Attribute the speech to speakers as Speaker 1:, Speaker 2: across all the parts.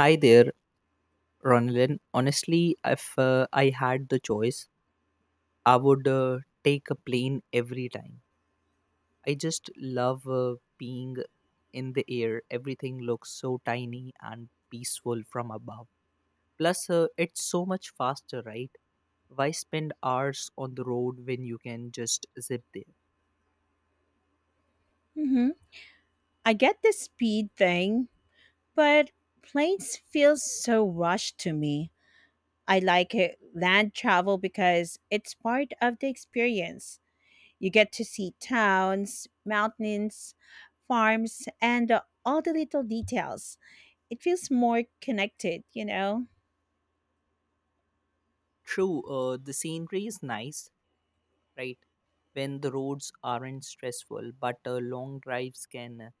Speaker 1: Hi there, Ronalyn. Honestly, if I had the choice, I would take a plane every time. I just love being in the air. Everything looks so tiny and peaceful from above. Plus, it's so much faster, right? Why spend hours on the road when you can just zip there?
Speaker 2: Hmm, I get the speed thing, but planes feel so rushed to me. I like it, land travel, because it's part of the experience. You get to see towns, mountains, farms, and all the little details. It feels more connected.
Speaker 1: True, the scenery is nice, right? When the roads aren't stressful, but long drives can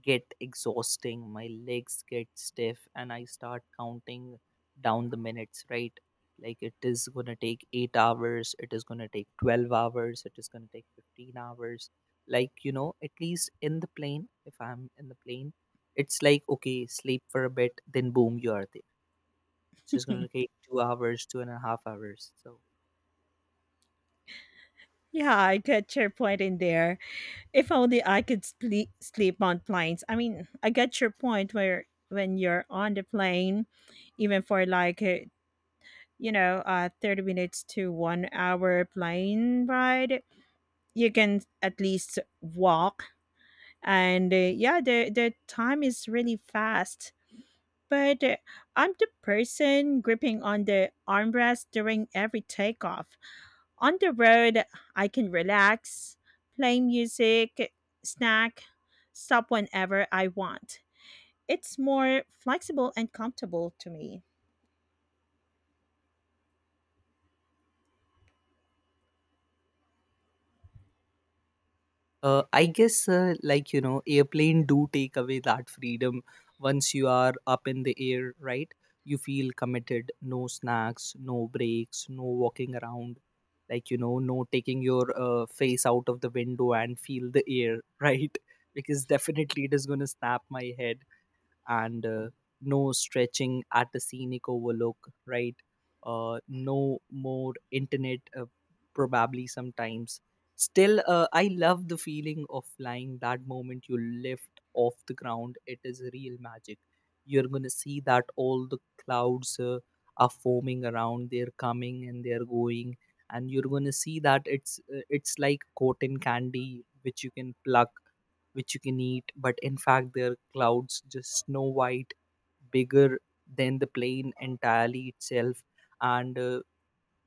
Speaker 1: get exhausting. My legs get stiff, and I start counting down the minutes, right? Like it is going to take 8 hours, it is going to take 12 hours, it is going to take 15 hours. Like, you know, at least in the plane, if I'm in the plane, it's like, okay, sleep for a bit, then boom, you are there. It's just going to take 2 hours, two and a half hours. So,
Speaker 2: Yeah, I get your point in there. If only I could sleep on planes. I mean, I get your point where when you're on the plane, even for 30 minutes to 1 hour plane ride, you can at least walk. And yeah, the time is really fast. But I'm the person gripping on the armrest during every takeoff. On the road, I can relax, play music, snack, stop whenever I want. It's more flexible and comfortable to me.
Speaker 1: Uh, I guess, like, you know, airplane do take away that freedom. Once you are up in the air, right? You feel committed. No snacks, no breaks, no walking around. Like, you know, no taking your face out of the window and feel the air, right? Because definitely it is going to snap my head and no stretching at the scenic overlook, right? No more internet, probably sometimes. Still, I love the feeling of flying. That moment you lift off the ground, it is real magic. You're gonna see that all the clouds are forming around. They're coming and they're going, and you're gonna see that it's like cotton candy which you can pluck, which you can eat, but in fact they're clouds, just snow white, bigger than the plane entirely itself, and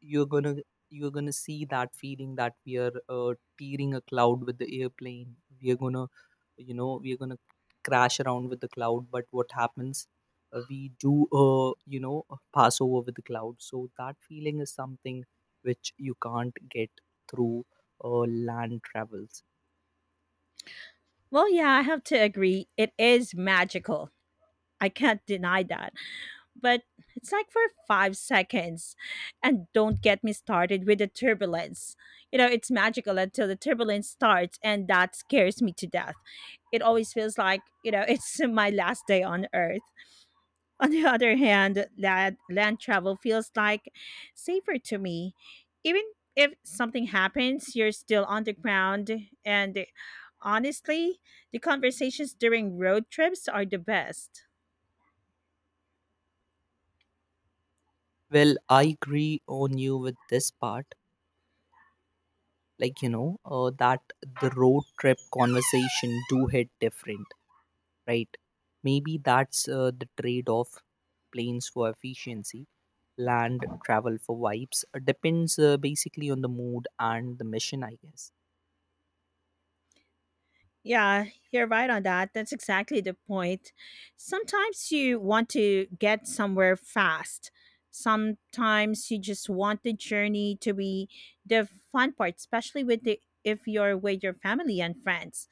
Speaker 1: you're gonna you're gonna see that feeling that we are tearing a cloud with the airplane. We are gonna crash around with the cloud, but what happens, we do you know pass over with the cloud. So that feeling is something which you can't get through land travels.
Speaker 2: Well, yeah, I have to agree. It is magical. I can't deny that. But it's like for 5 seconds. And don't get me started with the turbulence. You know, it's magical until the turbulence starts, and that scares me to death. It always feels like it's my last day on earth. On the other hand, land travel feels like safer to me. Even if something happens, you're still on the ground. And honestly, the conversations during road trips are the best.
Speaker 1: Well, I agree on you with this part. Like, you know, that the road trip conversation do hit different, right? Maybe that's the trade off, planes for efficiency, land travel for vibes. Depends basically on the mood and the mission, I guess.
Speaker 2: Yeah, you're right on that. That's exactly the point. Sometimes you want to get somewhere fast. Sometimes you just want the journey to be the fun part, especially with the if you're with your family and friends.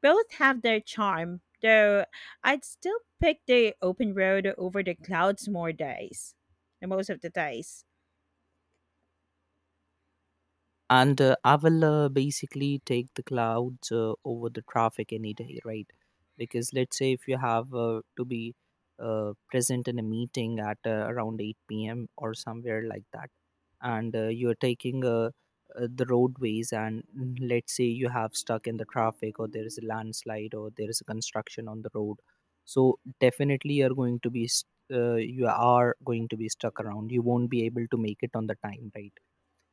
Speaker 2: Both have their charm, though I'd still pick the open road over the clouds more days. The most of the days.
Speaker 1: And I will basically take the clouds over the traffic any day, right? Because let's say if you have to be present in a meeting at around 8 p.m. or somewhere like that, and you're taking the roadways, and let's say you have stuck in the traffic, or there is a landslide, or there is a construction on the road. So definitely you're going to you are going to be stuck around. You won't be able to make it on the time, right?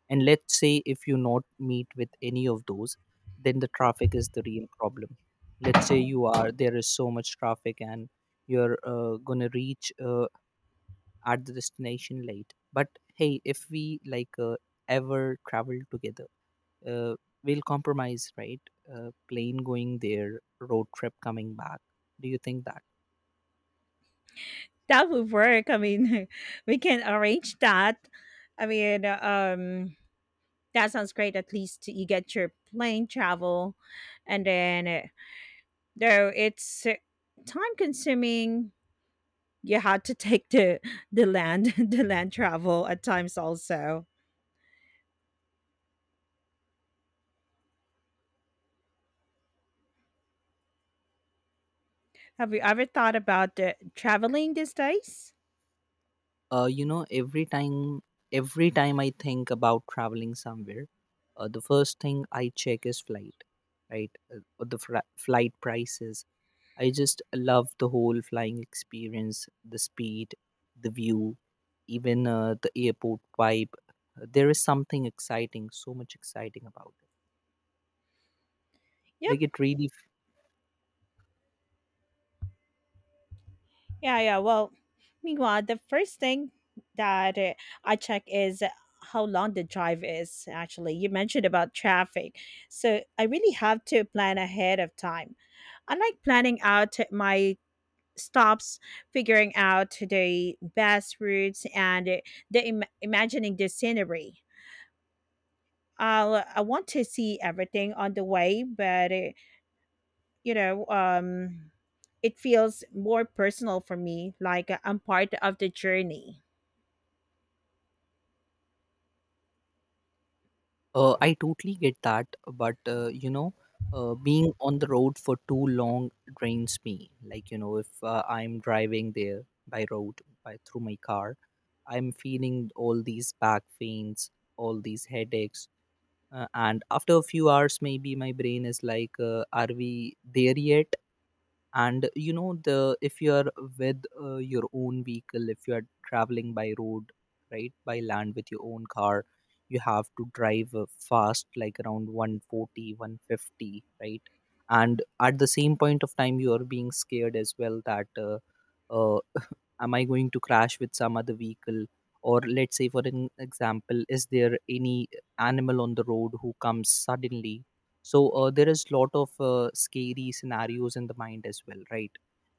Speaker 1: And let's say if you not meet with any of those, then the traffic is the real problem. Let's say you are, there is so much traffic, and you're gonna reach at the destination late. But hey, if we ever travel together, uh, we'll compromise, right? Plane going there, road trip coming back. Do you think that?
Speaker 2: That would work. I mean, we can arrange that. I mean, that sounds great. At least you get your plane travel, and then though it's time consuming, you had to take the land the land travel at times also. Have you ever thought about traveling these days?
Speaker 1: You know, every time I think about traveling somewhere, the first thing I check is flight, right? Flight prices. I just love the whole flying experience, the speed, the view, even the airport vibe. There is something exciting, so much exciting about it.
Speaker 2: Yep.
Speaker 1: Like it really.
Speaker 2: Yeah, yeah. Well, meanwhile, the first thing that I check is how long the drive is actually. You mentioned about traffic. So I really have to plan ahead of time. I like planning out my stops, figuring out the best routes and imagining the scenery. I want to see everything on the way, but you know um it feels more personal for me, I'm part of the journey.
Speaker 1: I totally get that, but you know, being on the road for too long drains me. Like, you know, if I'm driving there by road, by through my car, I'm feeling all these back pains, all these headaches, and after a few hours, maybe my brain is like, "Are we there yet?" And you know, the if you are with your own vehicle, if you are traveling by road, right, by land with your own car, you have to drive fast, like around 140, 150, right? And at the same point of time you are being scared as well, that uh, am I going to crash with some other vehicle? Or let's say, for an example, is there any animal on the road who comes suddenly? So there is lot of scary scenarios in the mind as well, right?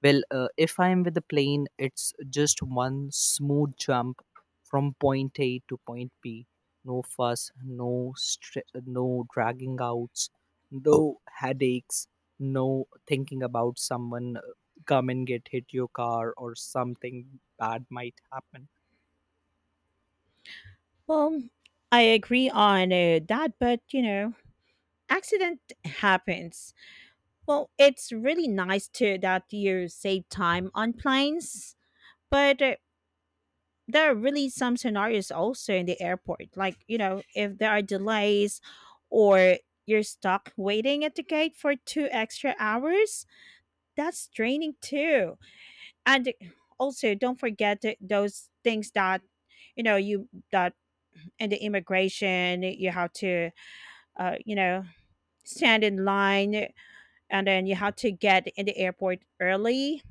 Speaker 1: Well, if I am with the plane, it's just one smooth jump from point A to point B. No fuss, no dragging outs, no headaches, no thinking about someone come and get hit your car, or something bad might happen.
Speaker 2: Well, I agree on that, but accident happens Well, it's really nice too that you save time on planes, but there are really some scenarios also in the airport. Like, you know, if there are delays or you're stuck waiting at the gate for 2 extra hours, that's draining too. And also, don't forget those things that, you know, you that in the immigration, you have to, uh, you know, stand in line, and then you have to get in the airport early,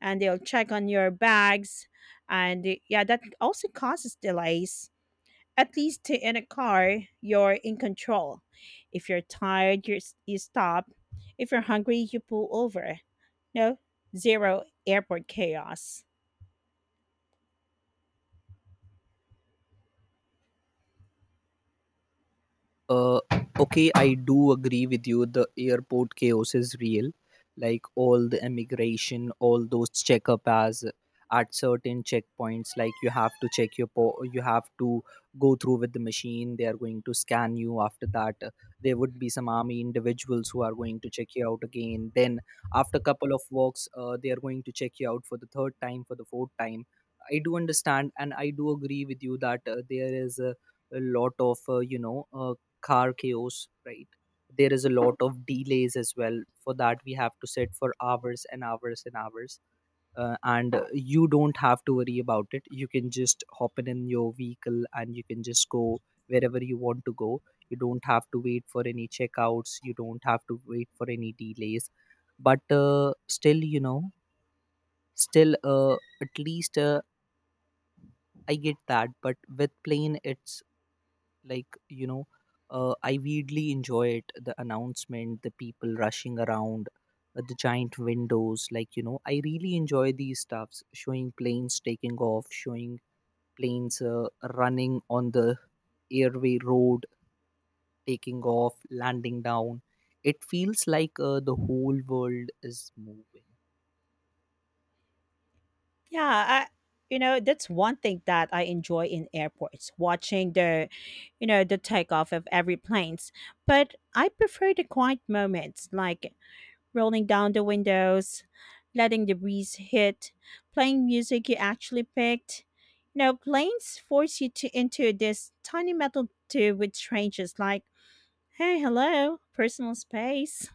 Speaker 2: and they'll check on your bags. And yeah, that also causes delays. At least in a car you're in control. If you're tired, you stop. If you're hungry, you pull over. No, zero airport chaos.
Speaker 1: Uh, okay, I do agree with you. The airport chaos is real. Like all the immigration, all those checkup as at certain checkpoints, like you have to you have to go through with the machine. They are going to scan you. After that, there would be some army individuals who are going to check you out again. Then after couple of walks, they are going to check you out for the third time, for the fourth time. I do understand, and I do agree with you that there is a lot of car chaos, right? There is a lot of delays as well. For that, we have to sit for hours and hours and hours. And you don't have to worry about it. You can just hop in your vehicle, and you can just go wherever you want to go. You don't have to wait for any checkouts. You don't have to wait for any delays. But still, you know, still at least I get that. But with plane, it's like, you know, I weirdly enjoy it, the announcement, the people rushing around, the giant windows. Like, you know, I really enjoy these stuffs, showing planes taking off, showing planes running on the airway road, taking off, landing down. It feels like the whole world is moving.
Speaker 2: Yeah, I, you know, that's one thing that I enjoy in airports, watching the, you know, the takeoff of every planes. But I prefer the quiet moments, like rolling down the windows, letting the breeze hit, playing music you actually picked. You know, planes force you to into this tiny metal tube with strangers like, hey, hello, personal space.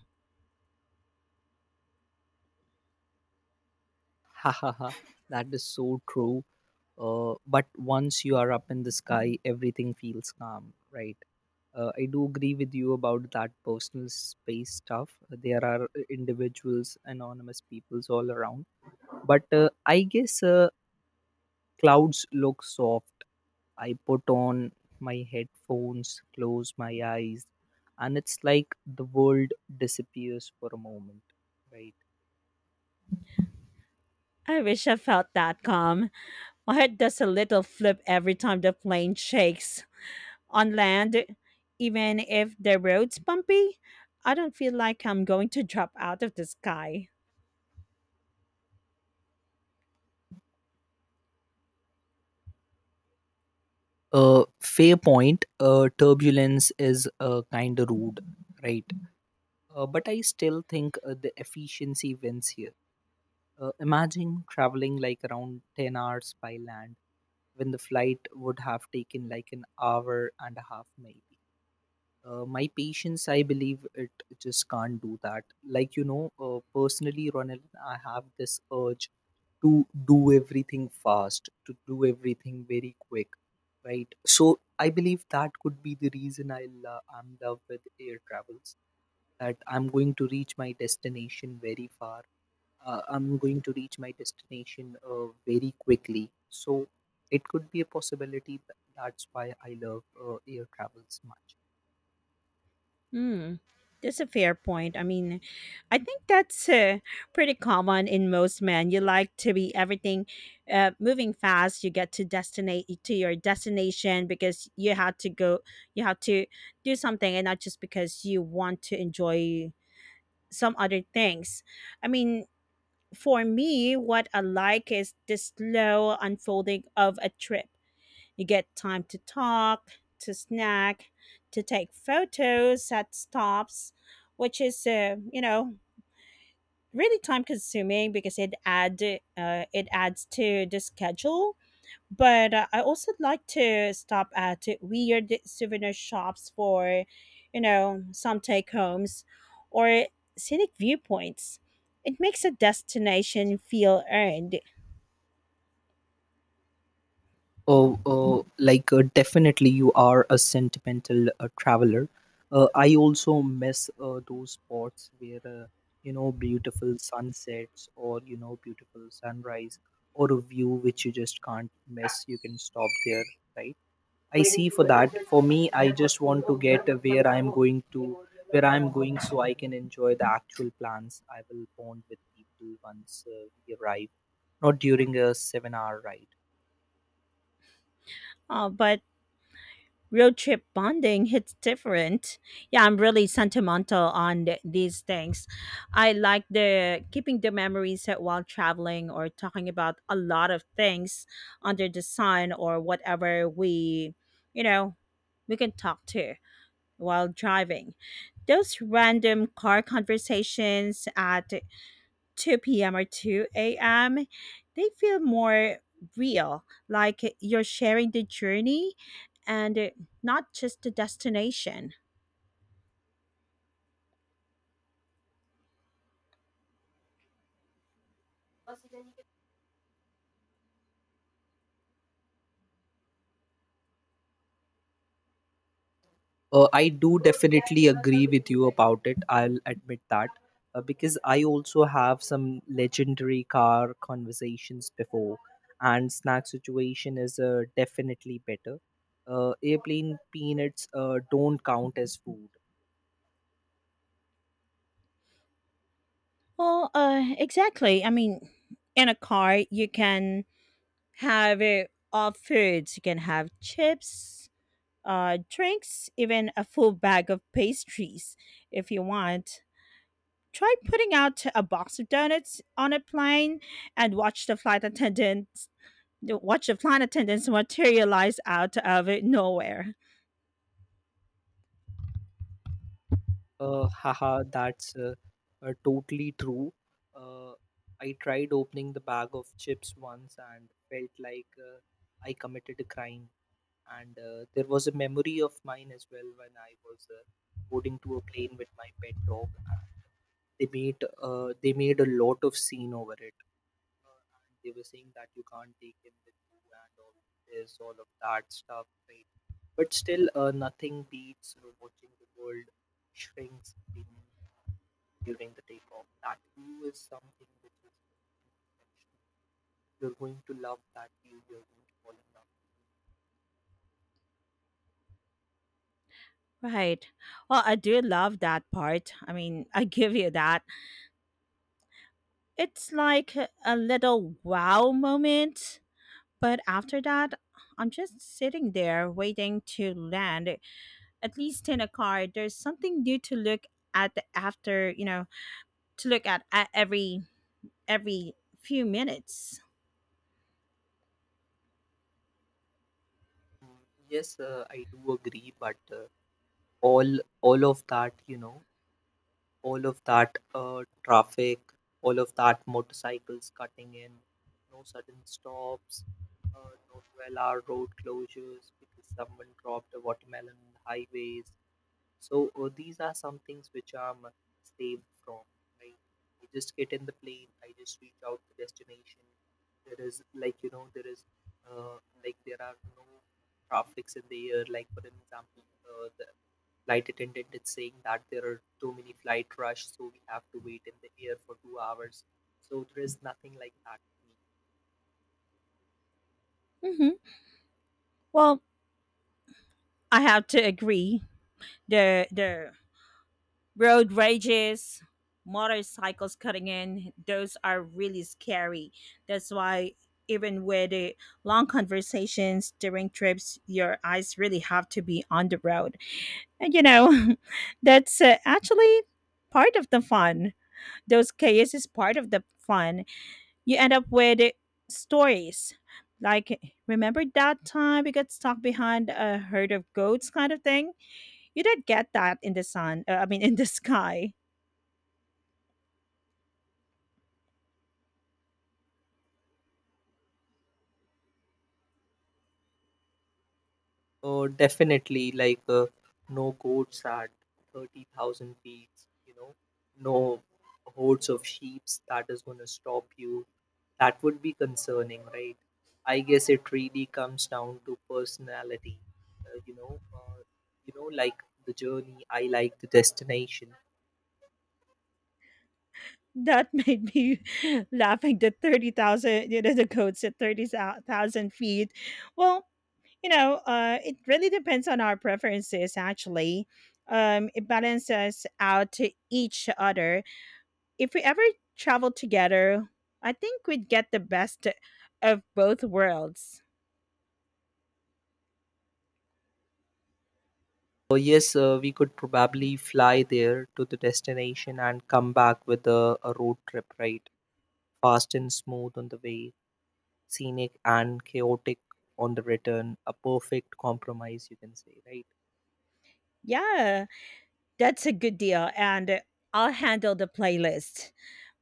Speaker 1: Ha ha ha, that is so true but once you are up in the sky, everything feels calm, right? I do agree with you about that personal space stuff. There are individuals, anonymous peoples all around, but I guess clouds look soft. I put on my headphones, close my eyes, and it's like the world disappears for a moment, right?
Speaker 2: I wish I felt that calm. My head does a little flip every time the plane shakes. On land, even if the road's bumpy, I don't feel like I'm going to drop out of the sky.
Speaker 1: Fair point. Turbulence is kind of rude, right? But I still think the efficiency wins here. Imagine traveling like around 10 hours by land when the flight would have taken like 1 and a half hours, maybe. My patience, I believe it just can't do that. Like, you know, personally, Ronald, I have this urge to do everything fast, to do everything very quick, right? So I believe that could be the reason I'm in love with air travels. That I'm going to reach my destination very far. I'm going to reach my destination very quickly. So it could be a possibility. That's why I love air travels much.
Speaker 2: Mm, that's a fair point. I mean, I think that's pretty common in most men. You like to be everything moving fast. You get to destinate to your destination because you had to go. You had to do something, and not just because you want to enjoy some other things. I mean, for me, what I like is the slow unfolding of a trip. You get time to talk, to snack, to take photos at stops, which is really time consuming because it adds to the schedule. But I also like to stop at weird souvenir shops for, you know, some take homes or scenic viewpoints. It makes a destination feel earned.
Speaker 1: Oh, oh, like, definitely you are a sentimental traveler. I also miss those spots where, you know, beautiful sunsets, or you know, beautiful sunrise, or a view which you just can't miss. You can stop there, right? I see for that. For me, I just want to get where I'm going to, where I'm going, so I can enjoy the actual plans. I will bond with people once we arrive, not during a 7-hour ride.
Speaker 2: But road trip bonding hits different. Yeah, I'm really sentimental on these things. I like the keeping the memories that while traveling or talking about a lot of things under the sun, or whatever we you know we can talk to while driving. Those random car conversations at 2 p.m. or 2 a.m., they feel more real, like you're sharing the journey and not just the destination.
Speaker 1: I do definitely agree with you about it. I'll admit that, because I also have some legendary car conversations before, and snack situation is definitely better. Airplane peanuts don't count as food.
Speaker 2: Exactly. I mean, in a car, you can have all foods. You can have chips, drinks, even a full bag of pastries if you want. Try putting out a box of donuts on a plane and watch the flight attendants materialize out of nowhere.
Speaker 1: That's totally true. Uh, I tried opening the bag of chips once and felt like I committed a crime. And there was a memory of mine as well when I was boarding to a plane with my pet dog. And they made they made a lot of scene over it. And they were saying that you can't take him with you, and all of this, all of that stuff, right? But still, nothing beats watching the world shrinks beneath during the takeoff. That view is something which is exceptional. You're going to love that view. You're going to fall in love.
Speaker 2: Right. Well, I do love that part. I mean, I give you that. It's like a little wow moment, but after that, I'm just sitting there waiting to land. At least in a car there's something new to look at after you know to look at every few minutes.
Speaker 1: Mm, Yes, I do agree, but all of that, you know, all of that traffic, all of that motorcycles cutting in, no sudden stops, no 12-hour road closures because someone dropped a watermelon on the highways. So these are some things which I'm saved from. Right? I just get in the plane. I just reach out to destination. There is, like, you know, there is, uh, like, there are no traffics in the air. Like for an example, the flight attendant is saying that there are too many flight rush, so we have to wait in the air for 2 hours. So there is nothing like that.
Speaker 2: Hmm. Well, I have to agree. The road rages, motorcycles cutting in, those are really scary. That's why even with the long conversations during trips, your eyes really have to be on the road. And you know, that's actually part of the fun. Those chaos is part of the fun. You end up with stories like, remember that time we got stuck behind a herd of goats, kind of thing? You did get that in the sun, I mean, in the sky.
Speaker 1: Oh, definitely. Like, no goats at 30,000 feet, you know, no hordes of sheep that is going to stop you. That would be concerning, right? I guess it really comes down to personality, uh, you know, uh, you know, like the journey, I like the destination.
Speaker 2: That made me laughing the 30,000, you know, the goats at 30,000 feet. Well, you know, it really depends on our preferences, actually. It balances out to each other. If we ever travel together, I think we'd get the best of both worlds.
Speaker 1: So yes, we could probably fly there to the destination and come back with a road trip, right? Fast and smooth on the way, scenic and chaotic on the return, a perfect compromise, you can say, right?
Speaker 2: Yeah, that's a good deal. And I'll handle the playlist,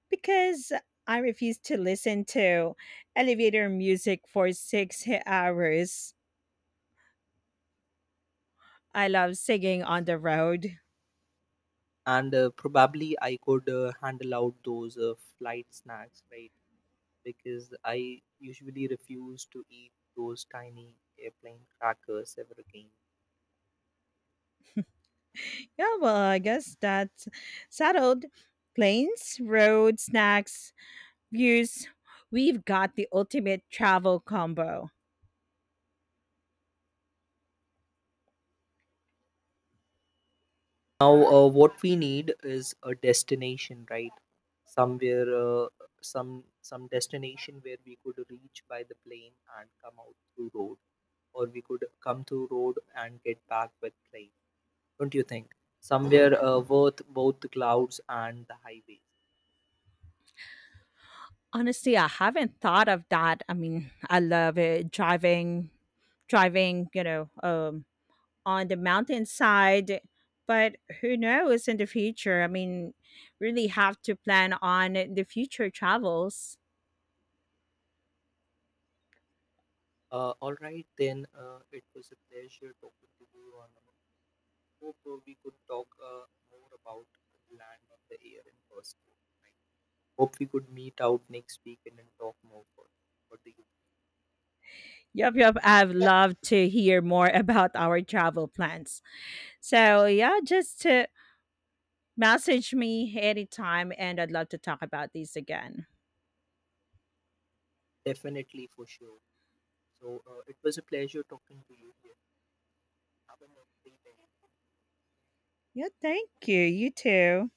Speaker 2: because I refuse to listen to elevator music for 6 hours. I love singing on the road.
Speaker 1: And probably I could handle out those flight snacks, right? Because I usually refuse to eat those tiny airplane crackers ever again.
Speaker 2: Yeah, well, I guess that's settled. Planes, road, snacks, views, we've got the ultimate travel combo.
Speaker 1: Now, what we need is a destination, right? Somewhere, some destination where we could reach by the plane and come out through road, or we could come through road and get back with plane, don't you think? Somewhere worth both the clouds and the highways.
Speaker 2: Honestly, I haven't thought of that. I mean, I love it driving. You know, on the mountainside. But who knows in the future? I mean, really have to plan on the future travels.
Speaker 1: All right, then it was a pleasure talking to you. On, hope we could talk more about the land and the air in person. Right? Hope we could meet out next weekend and then talk more for, do you?
Speaker 2: Yup, yup. I've loved to hear more about our travel plans. So yeah, just to message me anytime, and I'd love to talk about these again.
Speaker 1: Definitely for sure. So it was a pleasure talking to you. Here. Have a lovely day.
Speaker 2: Yeah, thank you. You too.